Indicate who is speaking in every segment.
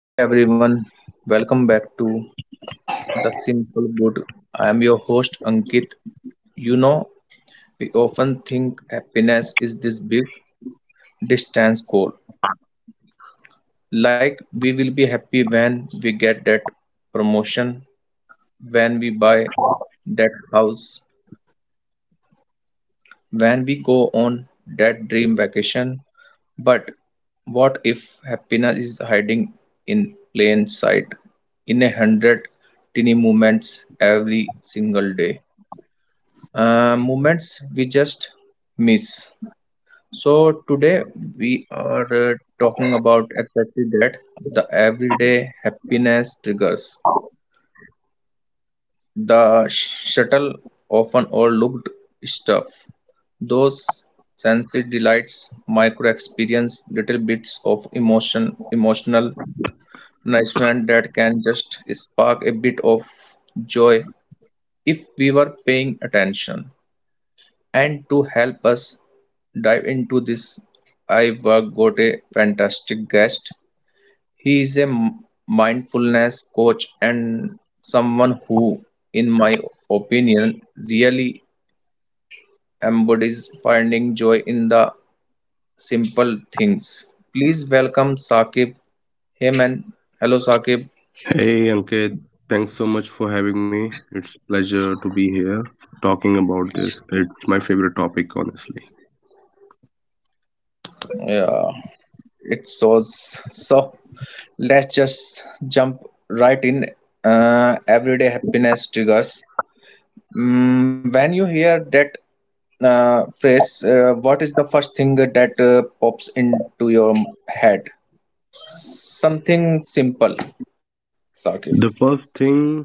Speaker 1: Hey everyone, welcome back to The Simple Good. I am your host Ankit. You know, we often think happiness is this big distance goal. Like we will be happy when we get that promotion, when we buy that house, when we go on that dream vacation. But what if happiness is hiding in plain sight in 100 tiny moments every single day? Moments we just miss. So today we are talking about exactly that, the everyday happiness triggers, the subtle, often overlooked stuff, those sensory delights, micro experience, little bits of emotion, emotional nourishment that can just spark a bit of joy if we were paying attention. And to help us dive into this, I've got a fantastic guest. He is a mindfulness coach and someone who, in my opinion, really embodies finding joy in the simple things. Please welcome Saqib. Hey man, hello Saqib.
Speaker 2: Hey Ankit, thanks so much for having me. It's a pleasure to be here talking about this. It's my favorite topic, honestly.
Speaker 1: Yeah, it shows. So let's just jump right in. Everyday happiness triggers. When you hear that phrase, what is the first thing that pops into your head? Something simple, Sakib.
Speaker 2: The first thing,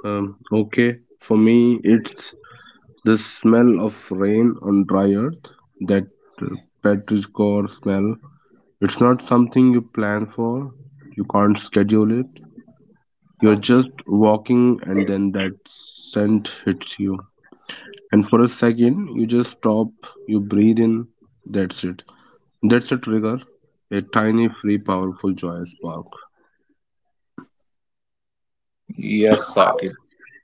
Speaker 2: okay, for me, it's the smell of rain on dry earth, that uh, petrichor smell. It's not something you plan for, you can't schedule it. You're just walking and then that scent hits you. And for a second, you just stop, you breathe in, that's it. That's a trigger, a tiny, free, powerful joyous spark.
Speaker 1: Yes, Sakib.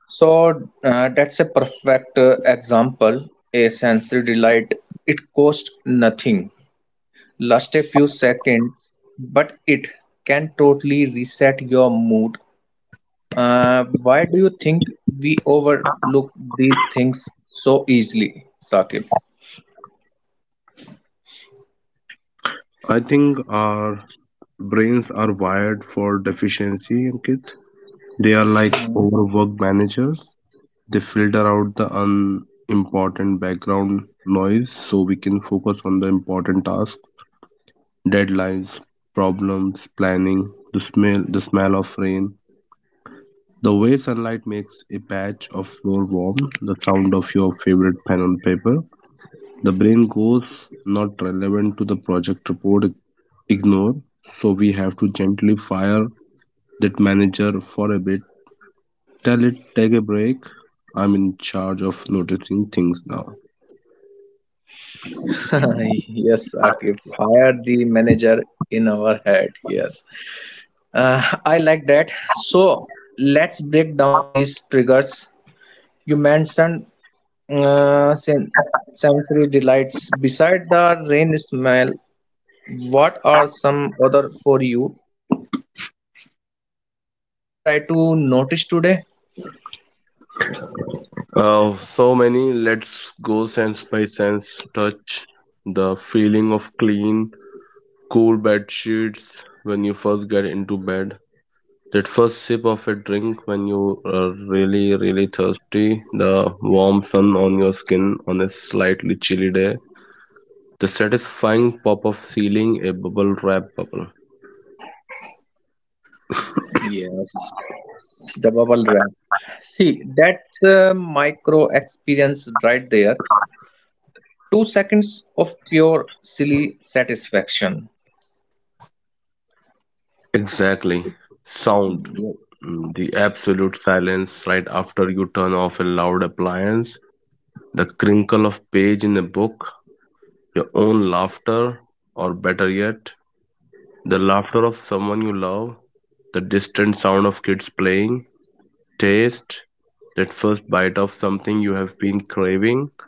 Speaker 1: So that's a perfect example. A sensory delight. It costs nothing, last a few seconds, but it can totally reset your mood. Why do you think we overlook these things so easily, Saqib?
Speaker 2: I think our brains are wired for deficiency, Ankit. They are like
Speaker 1: Mhm.
Speaker 2: overworked managers. They filter out the unimportant background noise so we can focus on the important tasks, deadlines, problems, planning, the smell of rain. The way sunlight makes a patch of floor warm, the sound of your favorite pen on paper, the brain goes, not relevant to the project report, ignore. So we have to gently fire that manager for a bit. Tell it, take a break. I'm in charge of noticing things now.
Speaker 1: Yes, Saqib, fire the manager in our head. Yes, I like that. So let's break down these triggers. You mentioned uh, sen- sensory delights. Beside the rain smell, what are some other for you things people can maybe try to notice today?
Speaker 2: So many. Let's go sense by sense. Touch the feeling of clean, cool bed sheets when you first get into bed. That first sip of a drink when you are really, really thirsty, the warm sun on your skin on a slightly chilly day, the satisfying pop of sealing a bubble wrap bubble.
Speaker 1: Yes, the bubble wrap. See, that's a micro experience right there. 2 seconds of pure silly satisfaction.
Speaker 2: Exactly. Sound.
Speaker 1: Ye-
Speaker 2: Mm, the absolute silence right after you turn off a loud appliance, the crinkle of page in a book, your own laughter, or better yet, the laughter of someone you love, the distant sound of kids playing, taste that first bite of something you have been craving,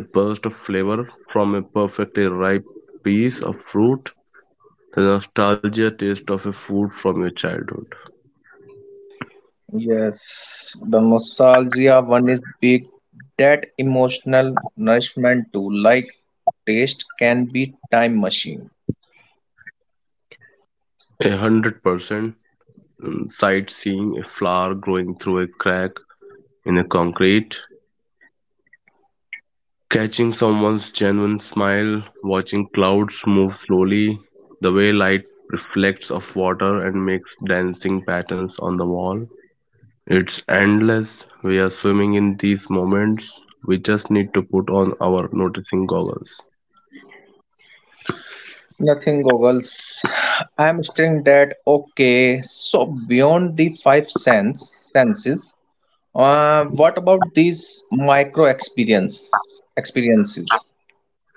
Speaker 2: the burst of flavor from a perfectly ripe piece of fruit, the nostalgia taste of a food from your childhood.
Speaker 1: Yes, the nostalgia one is big. That emotional nourishment too, like taste can be time machine.
Speaker 2: 100%. Sightseeing a flower growing through a crack in a concrete, catching someone's genuine smile, watching clouds move slowly, the way light reflects off water and makes dancing patterns on the wall. It's endless. We are swimming in these moments. We just need to put on our noticing goggles.
Speaker 1: Nothing goggles. I'm stating that okay. So beyond the five senses, what about these micro experiences?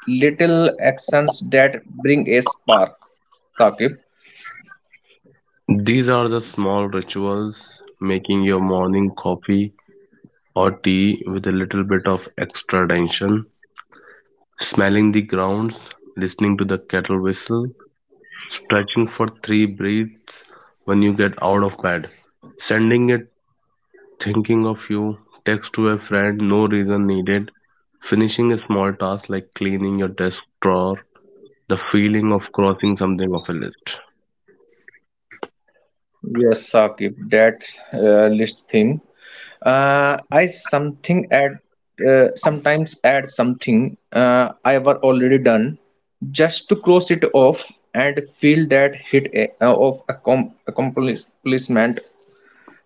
Speaker 1: Little actions that bring a spark, Saqib.
Speaker 2: These are the small rituals: making your morning coffee or tea with a little bit of extra tension, smelling the grounds, listening to the kettle whistle, stretching for 3 breaths when you get out of bed, sending it thinking of you, text to a friend, no reason needed, finishing a small task like cleaning your desk drawer, the feeling of crossing something off a list.
Speaker 1: Yes, Saqib, that list thing. I something add sometimes add something I were already done just to cross it off and feel that hit of accomplishment,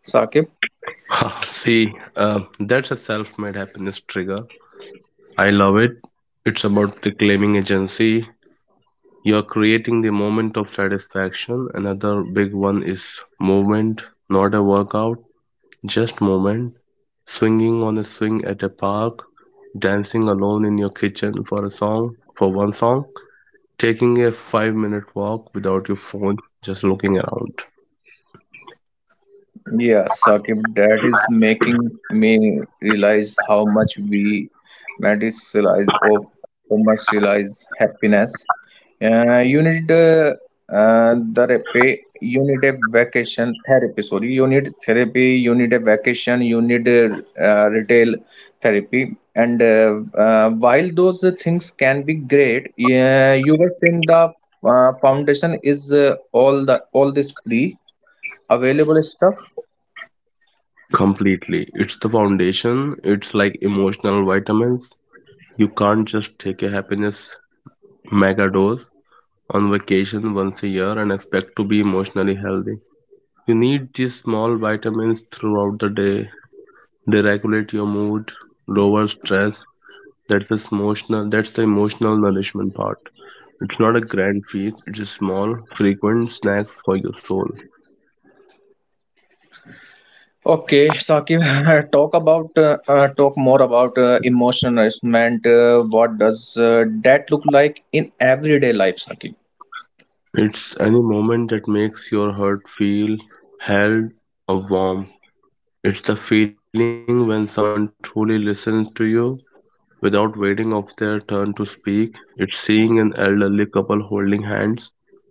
Speaker 1: Saqib.
Speaker 2: See, that's a self made happiness trigger. I love it. It's about reclaiming agency. You're creating the moment of satisfaction. Another big one is movement, not a workout, just movement. Swinging on a swing at a park, dancing alone in your kitchen for a song, for one song, taking a 5 minute walk without your phone, just looking around.
Speaker 1: Yeah, Saqib, that is making me realize how much we medicalize or commercialize happiness. You need therapy, you need a vacation therapy. Sorry, you need therapy, you need a vacation, you need a retail therapy. And while those things can be great, yeah, you were saying the foundation is all this free available stuff.
Speaker 2: Completely. It's the foundation. It's like emotional vitamins. You can't just take a happiness mega dose on vacation once a year and expect to be emotionally healthy. You need these small vitamins throughout the day. They regulate your mood, lower stress. That's the emotional nourishment part. It's not a grand feast, it's a small, frequent snacks for your soul.
Speaker 1: Okay, Saqib, talk about talk more about emotional nourishment. What does that look like in everyday life, Saqib?
Speaker 2: It's any moment that makes your heart feel held or warm. It's the feeling when someone truly listens to you without waiting of their turn to speak. It's seeing an elderly couple holding hands.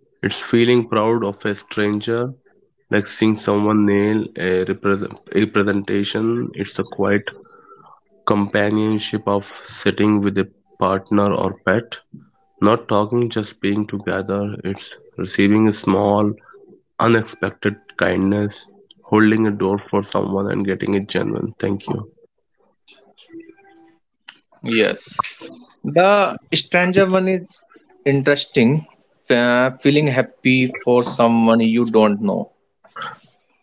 Speaker 2: It's feeling proud of a stranger, like seeing someone nail a, a presentation. It's the quiet companionship of sitting with a partner or pet. Not talking, just being together. It's receiving a small, unexpected kindness, holding a door for someone and getting it genuine. Thank you.
Speaker 1: Yes. The stranger one is interesting. Feeling happy for someone you don't know.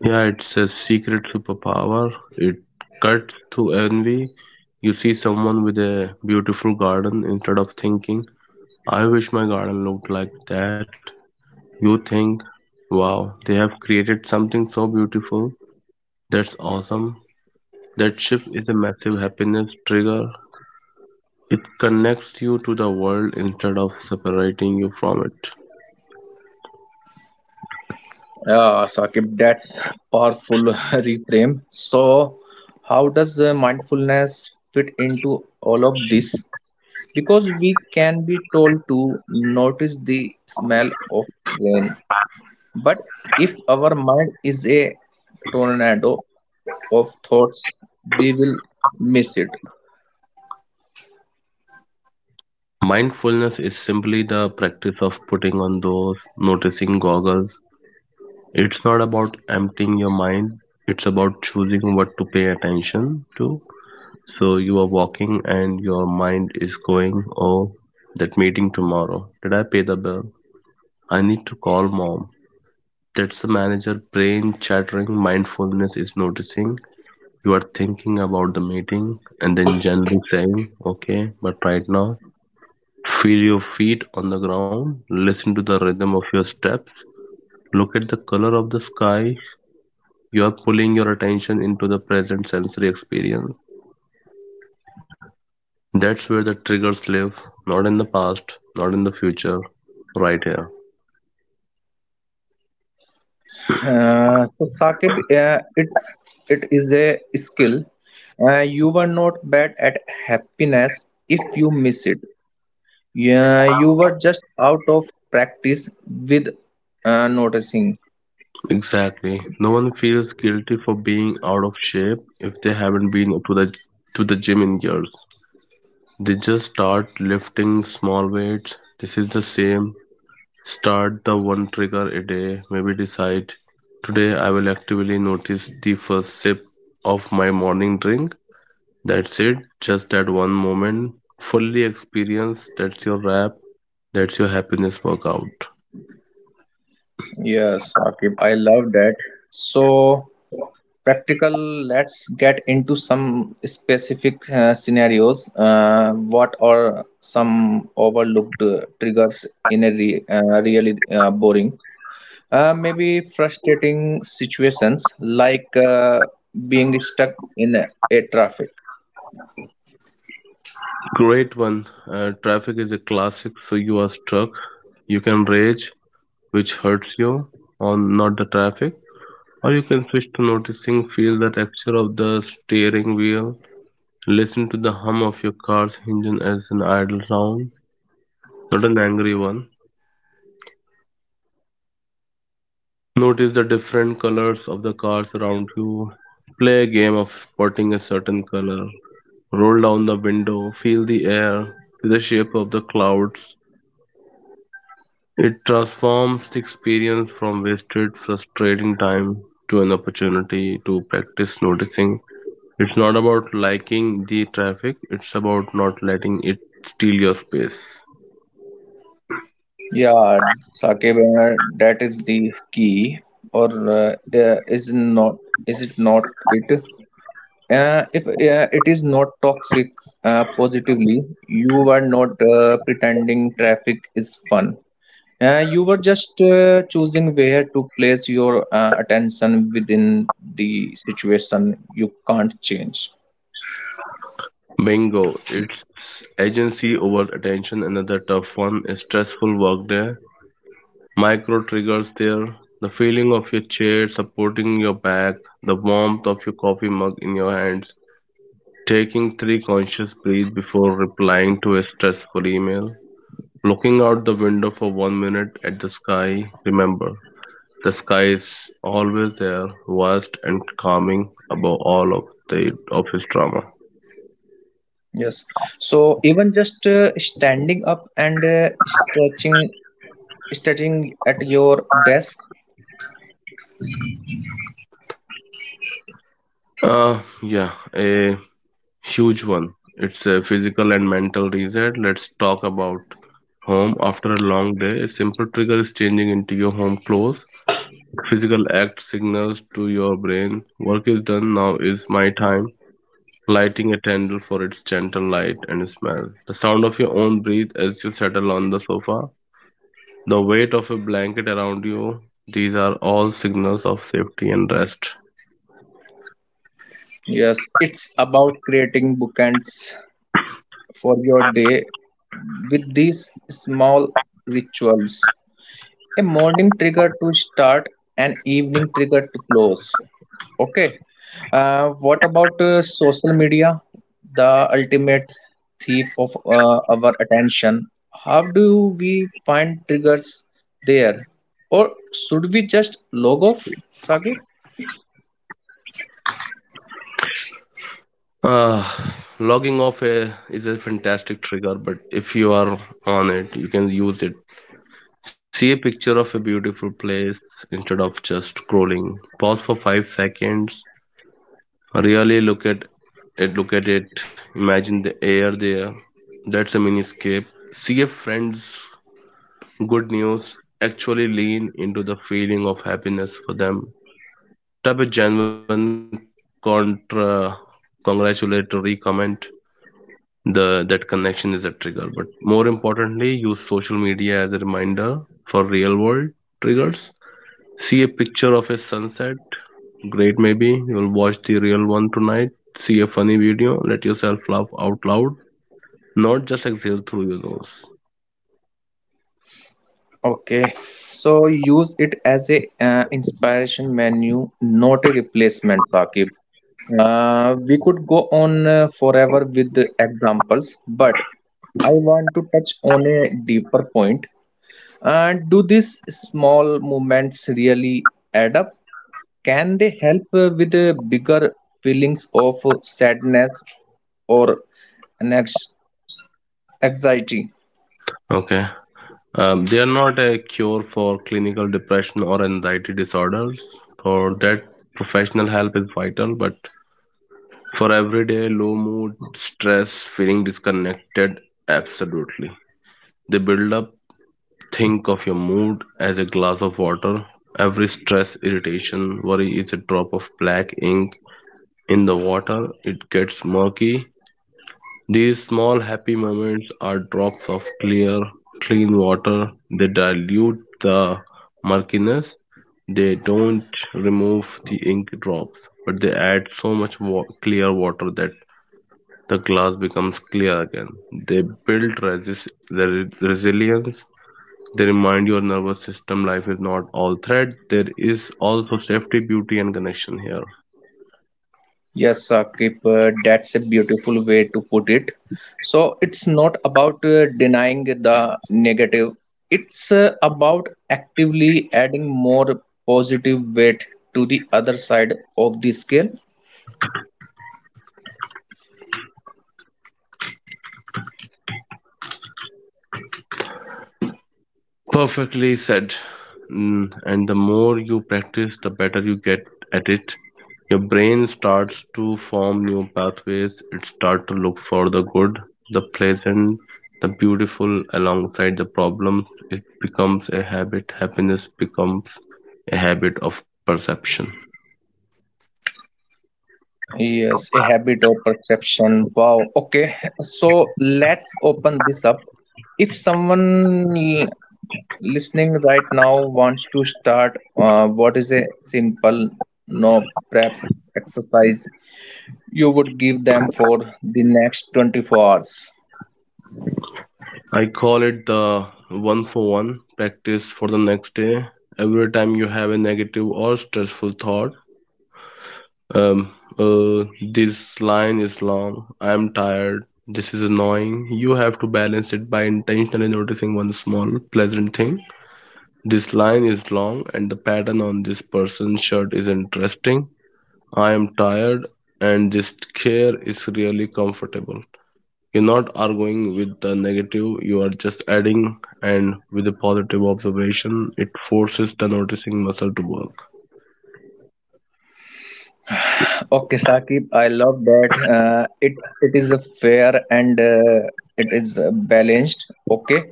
Speaker 2: Yeah, it's a secret superpower. It cuts through envy. You see someone with a beautiful garden instead of thinking, I wish my garden looked like that. You think, wow, they have created something so beautiful. That's awesome. That shift is a massive happiness trigger. It connects you to the world instead of separating you from it.
Speaker 1: Yeah, Saqib, that powerful reframe. So, how does mindfulness fit into all of this? Because we can be told to notice the smell of rain, but if our mind is a tornado of thoughts we will miss it.
Speaker 2: Mindfulness is simply the practice of putting on those noticing goggles. It's not about emptying your mind, it's about choosing what to pay attention to. So you are walking and your mind is going, oh, that meeting tomorrow. Did I pay the bill? I need to call mom. That's the manager brain chattering. Mindfulness is noticing you are thinking about the meeting and then gently saying, okay, but right now, feel your feet on the ground, listen to the rhythm of your steps, look at the color of the sky. You are pulling your attention into the present sensory experience. That's where the triggers live, not in the past, not in the future, right here.
Speaker 1: So, Saqib, it is a skill. You were not bad at happiness if you miss it. Yeah, you were just out of practice with noticing.
Speaker 2: Exactly. No one feels guilty for being out of shape if they haven't been to the gym in years. They just start lifting small weights. This is the same. Start the one trigger a day. Maybe decide today I will actively notice the first sip of my morning drink. That's it, just that one moment. Fully experience, that's your rap, that's your happiness workout.
Speaker 1: Yes, Saqib, I love that. So practical. Let's get into some specific scenarios. What are some overlooked triggers in a really boring, maybe frustrating situations, like being stuck in a traffic.
Speaker 2: Great one. Traffic is a classic, so you are stuck. You can rage, which hurts you, on not the traffic, or you can switch to noticing, feel the texture of the steering wheel, listen to the hum of your car's engine as an idle sound, not an angry one. Notice the different colors of the cars around you. Play a game of spotting a certain color. Roll down the window, feel the air, feel the shape of the clouds. It transforms the experience from wasted, frustrating time to an opportunity to practice noticing. It's not about liking the traffic, it's about not letting it steal your space.
Speaker 1: Yeah, Saqib, that is the key. Or uh, uh, is not is it not it If it is not toxic positively, you were not pretending traffic is fun. You were just choosing where to place your attention within the situation you can't change.
Speaker 2: Bingo, it's agency over attention, another tough one, a stressful work there. Micro triggers there, the feeling of your chair supporting your back, the warmth of your coffee mug in your hands. Taking 3 conscious breaths before replying to a stressful email. Looking out the window for 1 minute at the sky. Remember, the sky is always there, vast and calming above all of the office drama.
Speaker 1: Yes. So even just standing up and stretching at your desk.
Speaker 2: Trauma. Yeah, a huge one. It's a physical and mental reset. Let's talk about home after a long day. A simple trigger is changing into your home clothes. Physical act signals to your brain work is done. Now is my time. Lighting a candle for its gentle light and smell. The sound of your own breath as you settle on the sofa, the weight of a blanket around you, these are all signals of safety and rest.
Speaker 1: Yes, it's about creating bookends for your day with these small rituals. A morning trigger to start, an evening trigger to close. Okay. What about social media, the ultimate thief of our attention? How do we find triggers there? Or should we just log off, Saqib?
Speaker 2: Ah, logging off a, is a fantastic trigger, but if you are on it, you can use it. See a picture of a beautiful place instead of just scrolling. Pause for 5 seconds, really look at it, imagine the air there. That's a mini escape. See a friend's good news, actually lean into the feeling of happiness for them. Type a genuine contra congratulatory comment. The that connection is a trigger. But more importantly, use social media as a reminder for real world triggers. See a picture of a sunset. Great maybe. You'll watch the real one tonight. See a funny video. Let yourself laugh out loud, not just exhale through your nose.
Speaker 1: Okay, so use it as a inspiration menu, not a replacement, Saqib. We could go on forever with the examples, but I want to touch on a deeper point. Do these small movements really add up? Can they help with the bigger feelings of sadness or an anxiety?
Speaker 2: Okay. They are not a cure for clinical depression or anxiety disorders. For that, professional help is vital, but for everyday low mood, stress, feeling disconnected, absolutely. They build up. Think of your mood as a glass of water. Every stress, irritation, worry is a drop of black ink in the water. It gets murky. These small happy moments are drops of clear, clean water. They dilute the murkiness. They don't remove the ink drops, but they add so much clear water that the glass becomes clear again. They build resilience. They remind your nervous system life is not all threat. There is also safety, beauty, and connection here.
Speaker 1: Yes, Saqib, that's a beautiful way to put it. So it's not about denying the negative, it's about actively adding more positive weight to the other side of the scale.
Speaker 2: Perfectly said. Mm, and the more you practice, the better you get at it. Your brain starts to form new pathways. It starts to look for the good, the pleasant, the beautiful alongside the problems. It becomes a habit. Happiness becomes a habit of perception.
Speaker 1: Yes, a habit or perception. Wow. Okay, so let's open this up. If someone listening right now wants to start, what is a simple no prep exercise you would give them for the next 24 hours?
Speaker 2: I call it the one for one practice. For the next day, every time you have a negative or stressful thought, Um, this line is long. I'm tired. This is annoying. You have to balance it by intentionally noticing one small pleasant thing. This line is long, and the pattern on this person's shirt is interesting. I am tired, and this chair is really comfortable. You're not arguing with the negative, you are just adding, and with a positive observation, it forces the noticing muscle to work.
Speaker 1: Okay, Saqib, I love that. It is a fair and it is balanced. Okay,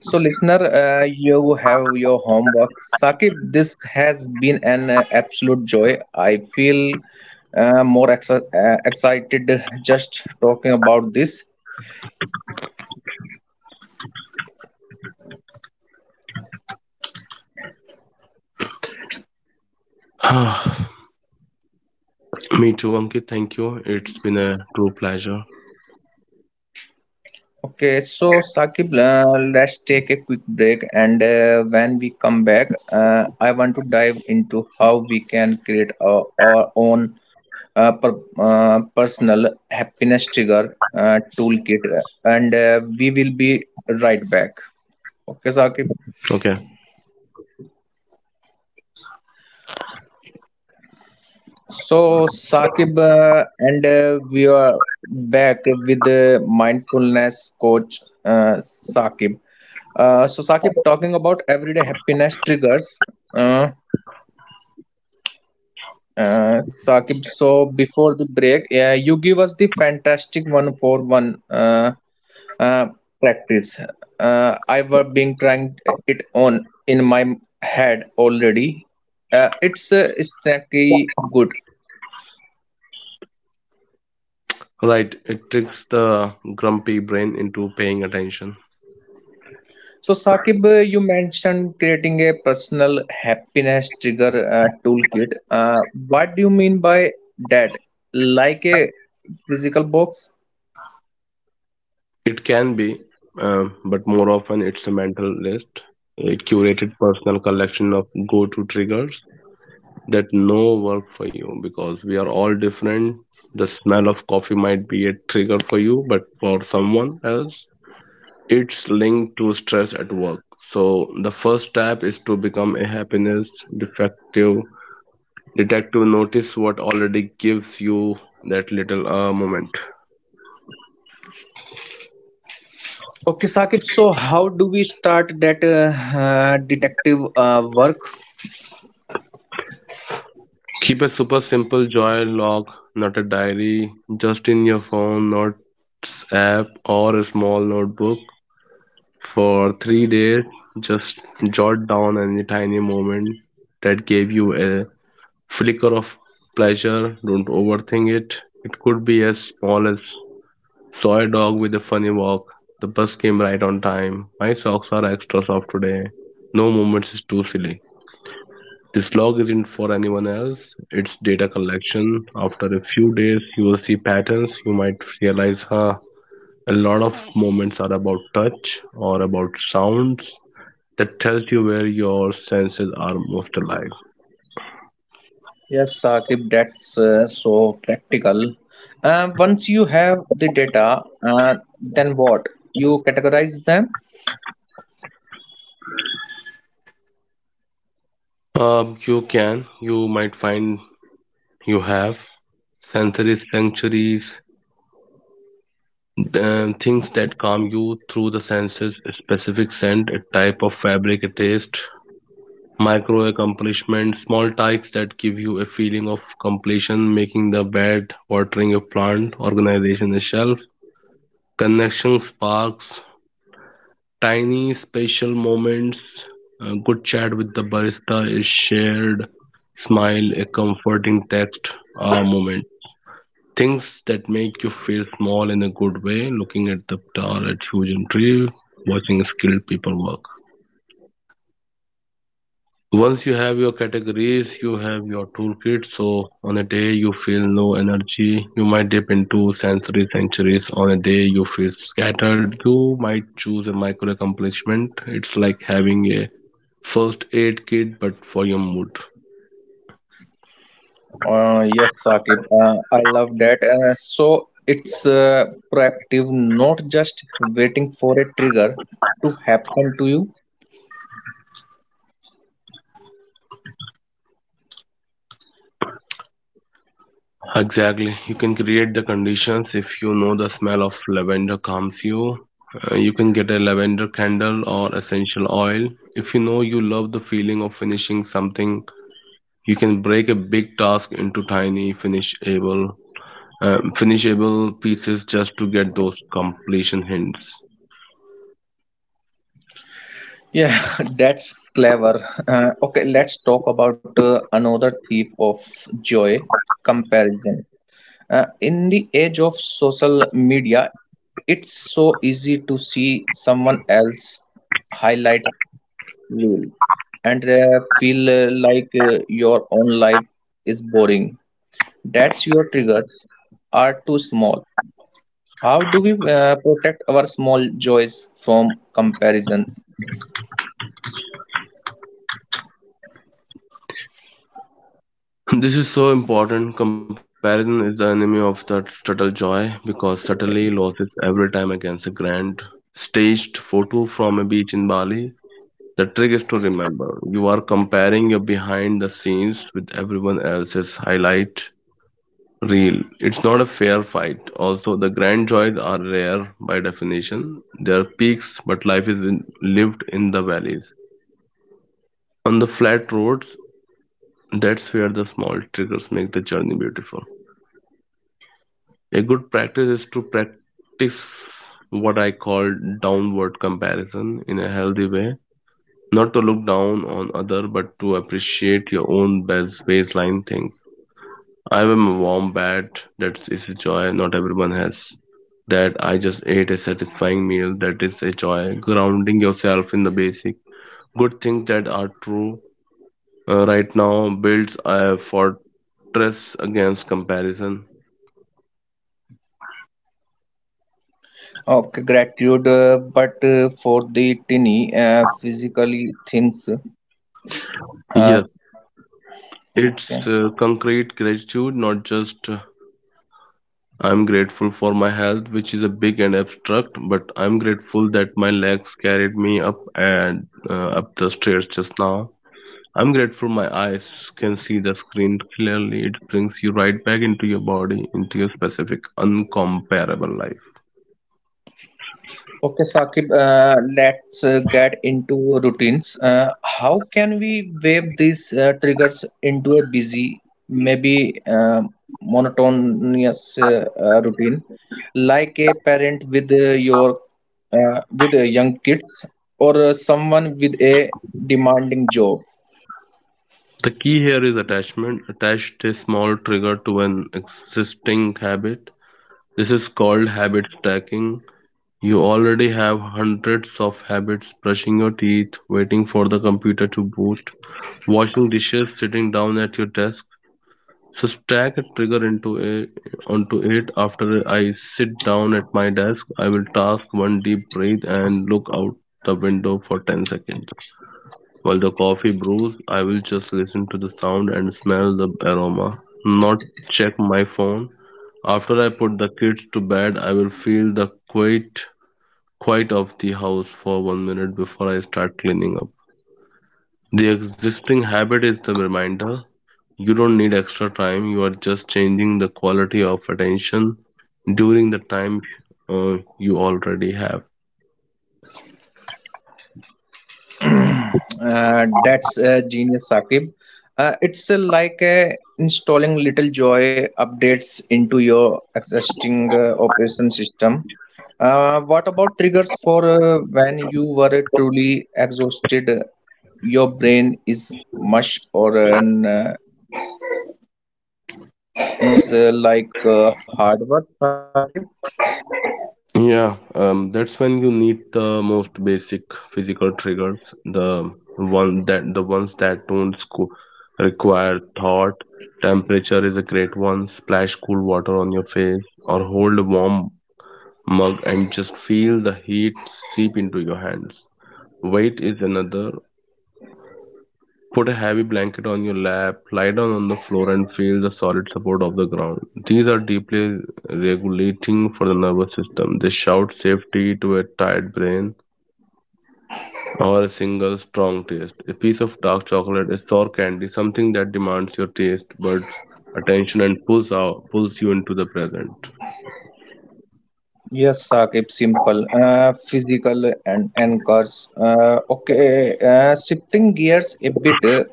Speaker 1: so listener, you have your homework. Saqib, this has been an absolute joy. I feel more excited just talking about this.
Speaker 2: Me too, Ankit. Thank you. It's been a true pleasure.
Speaker 1: Okay, so Sakib, let's take a quick break, and when we come back, I want to dive into how we can create our own personal happiness trigger toolkit, and we will be right back. Okay, Sakib.
Speaker 2: Okay.
Speaker 1: So, Saqib, and we are back with the mindfulness coach, Saqib. So, Saqib, talking about everyday happiness triggers. Uh, uh, Saqib, so before the break, yeah, you give us the fantastic one for one uh, practice. I were been trying it on in my head already. It's snacky good.
Speaker 2: Right. It tricks the grumpy brain into paying attention.
Speaker 1: So, Saqib, you mentioned creating a personal happiness trigger toolkit. What do you mean by that? Like a physical box?
Speaker 2: It can be, but more often it's a mental list, a curated personal collection of go to triggers that no work for you because we are all different. The smell of coffee might be a trigger for you, but for someone else, it's linked to stress at work. So the first step is to become a happiness defective detective. Notice what already gives you that little moment.
Speaker 1: Okay, Saqib, so how do we start that detective work?
Speaker 2: Keep a super simple joy log, not a diary, just in your phone, notes app, or a small notebook for 3 days. Just jot down any tiny moment that gave you a flicker of pleasure. Don't overthink it. It could be as small as: saw a dog with a funny walk. The bus came right on time. My socks are extra soft today. No moments is too silly. This log isn't for anyone else. It's data collection. After a few days, you will see patterns. You might realize, huh, a lot of moments are about touch or about sounds. That tells you where your senses are most alive.
Speaker 1: Yes, Saqib, that's so practical. Once you have the data, then what? You categorize them?
Speaker 2: You can, you might find you have sensory sanctuaries. Things that calm you through the senses: a specific scent, a type of fabric, a taste. Micro accomplishments: small tasks that give you a feeling of completion, making the bed, watering a plant, organization a shelf. Connection sparks: tiny special moments, a good chat with the barista, a shared smile, a comforting text, a moment. Things that make you feel small in a good way: looking at the tall, at huge and tree, watching skilled people work. Once you have your categories, you have your toolkit. So on a day you feel no energy, you might dip into sensory sanctuaries. On a day you feel scattered, you might choose a micro accomplishment. It's like having a first aid kit, but for your mood.
Speaker 1: Yes, Saqib, I love that. So it's proactive, not just waiting for a trigger to happen to you.
Speaker 2: Exactly. You can create the conditions. If you know the smell of lavender calms you, you can get a lavender candle or essential oil. If you know you love the feeling of finishing something, you can break a big task into tiny finishable finishable pieces just to get those completion hints.
Speaker 1: Yeah, that's clever. Okay, let's talk about another thief of joy, comparison. In the age of social media, it's so easy to see someone else highlight reel and feel like your own life is boring. That's your triggers are too small. How do we protect our small joys from comparison?
Speaker 2: This is so important. Comparison is the enemy of that subtle joy, because subtlety loses every time against a grand staged photo from a beach in Bali. The trick is to remember you are comparing your behind the scenes with everyone else's highlight reel. It's not a fair fight. Also, the grand joys are rare by definition. They are peaks, but life is lived in the valleys. On the flat roads, that's where the small triggers make the journey beautiful. A good practice is to practice what I call downward comparison in a healthy way, not to look down on other but to appreciate your own best baseline thing. I am a wombat, that is a joy not everyone has. That I just ate a satisfying meal, that is a joy. Grounding yourself in the basic good things that are true right now builds a fortress against comparison.
Speaker 1: Okay, gratitude, but for the tiny physically things. Uh,
Speaker 2: Yes, it's
Speaker 1: okay.
Speaker 2: concrete gratitude, not just, I'm grateful for my health, which is a big and abstract, but I'm grateful that my legs carried me up and up the stairs just now. I'm grateful my eyes can see the screen clearly. It brings you right back into your body, into your specific, uncomparable life.
Speaker 1: Okay, Saqib, let's get into routines. How can we wave these triggers into a busy, maybe monotonous routine, like a parent with young kids or someone with a demanding job?
Speaker 2: The key here is attachment. Attach a small trigger to an existing habit. This is called habit stacking. You already have hundreds of habits: brushing your teeth, waiting for the computer to boot, washing dishes, sitting down at your desk. So stack a trigger onto it. After I sit down at my desk, I will task one deep breath and look out the window for 10 seconds. While the coffee brews, I will just listen to the sound and smell the aroma, not check my phone. After I put the kids to bed, I will feel the quiet of the house for one minute before I start cleaning up. The existing habit is the reminder. You don't need extra time, you are just changing the quality of attention during the time you already have.
Speaker 1: That's genius, Saqib. It's like installing little joy updates into your existing operation system. What about triggers for when you were truly exhausted? Your brain is mush or noticing feels like hard work, Saqib.
Speaker 2: Yeah, that's when you need the most basic physical triggers, the ones that don't require thought. Temperature is a great one. Splash cool water on your face, or hold a warm mug and just feel the heat seep into your hands. Weight is another. Put a heavy blanket on your lap, lie down on the floor, and feel the solid support of the ground. These are deeply regulating for the nervous system. They shout safety to a tired brain. Or a single strong taste. A piece of dark chocolate, a sour candy, something that demands your taste buds attention and pulls you into the present.
Speaker 1: Yes, Saqib, simple. Physical and anchors. Okay, shifting gears a bit. uh,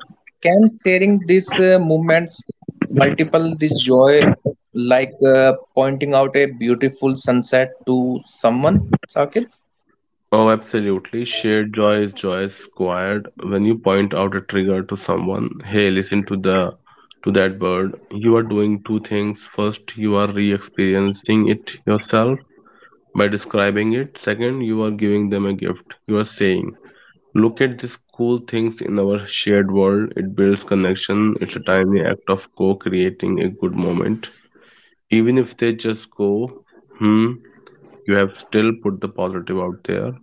Speaker 1: Can sharing these movements multiple the joy, like pointing out a beautiful sunset to someone, Saqib?
Speaker 2: Oh, absolutely. Shared joy is joy squared. When you point out a trigger to someone, hey, listen to the to that bird. You are doing two things. First, you are re-experiencing it yourself by describing it. Second, you are giving them a gift. You are saying, "Look at these cool things in our shared world." It builds connection. It's a tiny act of co-creating a good moment. Even if they just go, "Hmm," you have still put the positive out there,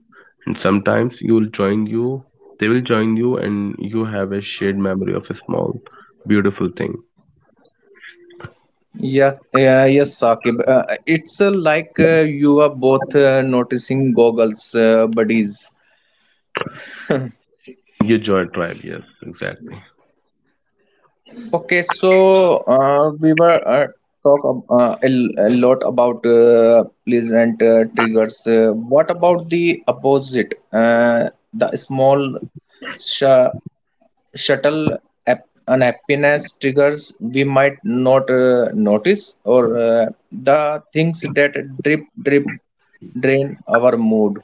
Speaker 2: and sometimes they will join you, and you have a shared memory of a small, beautiful thing.
Speaker 1: Yeah, yeah, yes, Saqib. It's like you are both noticing goggles, buddies.
Speaker 2: Your joy tribe, yes, exactly.
Speaker 1: Okay, so we were talk a lot about pleasant triggers. What about the opposite? The small sh shuttle unhappiness triggers we might not notice, or the things that drip drain our mood.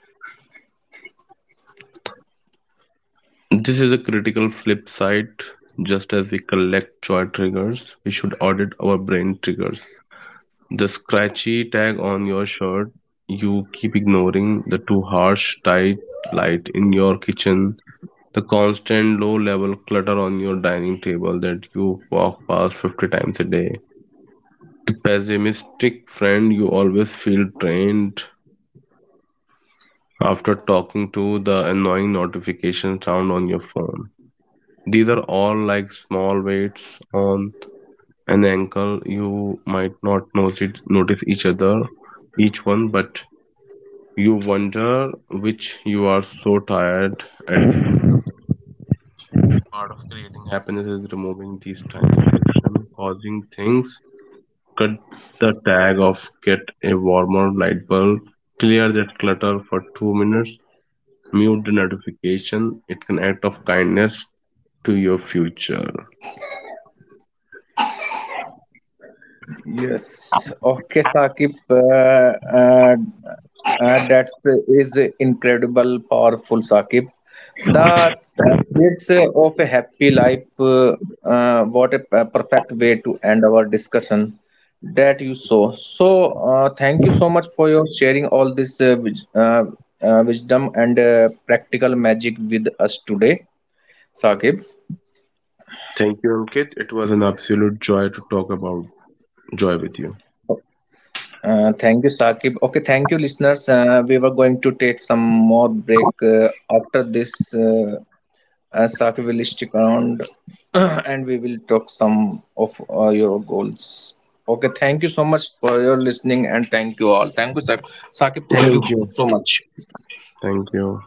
Speaker 2: This is a critical flip side. Just as we collect joy triggers, we should audit our brain triggers. The scratchy tag on your shirt you keep ignoring, the too harsh, tight light in your kitchen, the constant low level clutter on your dining table that you walk past 50 times a day, pessimistic friend you always feel drained after talking to, the annoying notification sound on your phone. These are all like small weights on an ankle. You might not notice each other, each one, but you wonder which you are so tired. And part of creating happiness is removing these tiny friction causing things. Cut the tag off, get a warmer light bulb, clear that clutter for two minutes, mute the notification. It can act of kindness to your future.
Speaker 1: Yes. Okay, Saqib, that is incredible, powerful, Saqib. The threads of a happy life. What a perfect way to end our discussion that you saw. So, thank you so much for your sharing all this wisdom and practical magic with us today, Saqib.
Speaker 2: Thank you, Ankit. It was an absolute joy to talk about joy with you.
Speaker 1: Thank you, Saqib. Okay, thank you, listeners. We were going to take some more break after this. Saqib will stick around and we will talk some of your goals. Okay, thank you so much for your listening and thank you all. Thank you, Saqib. Saqib, thank you
Speaker 2: Thank you.
Speaker 1: so much.
Speaker 2: Thank you.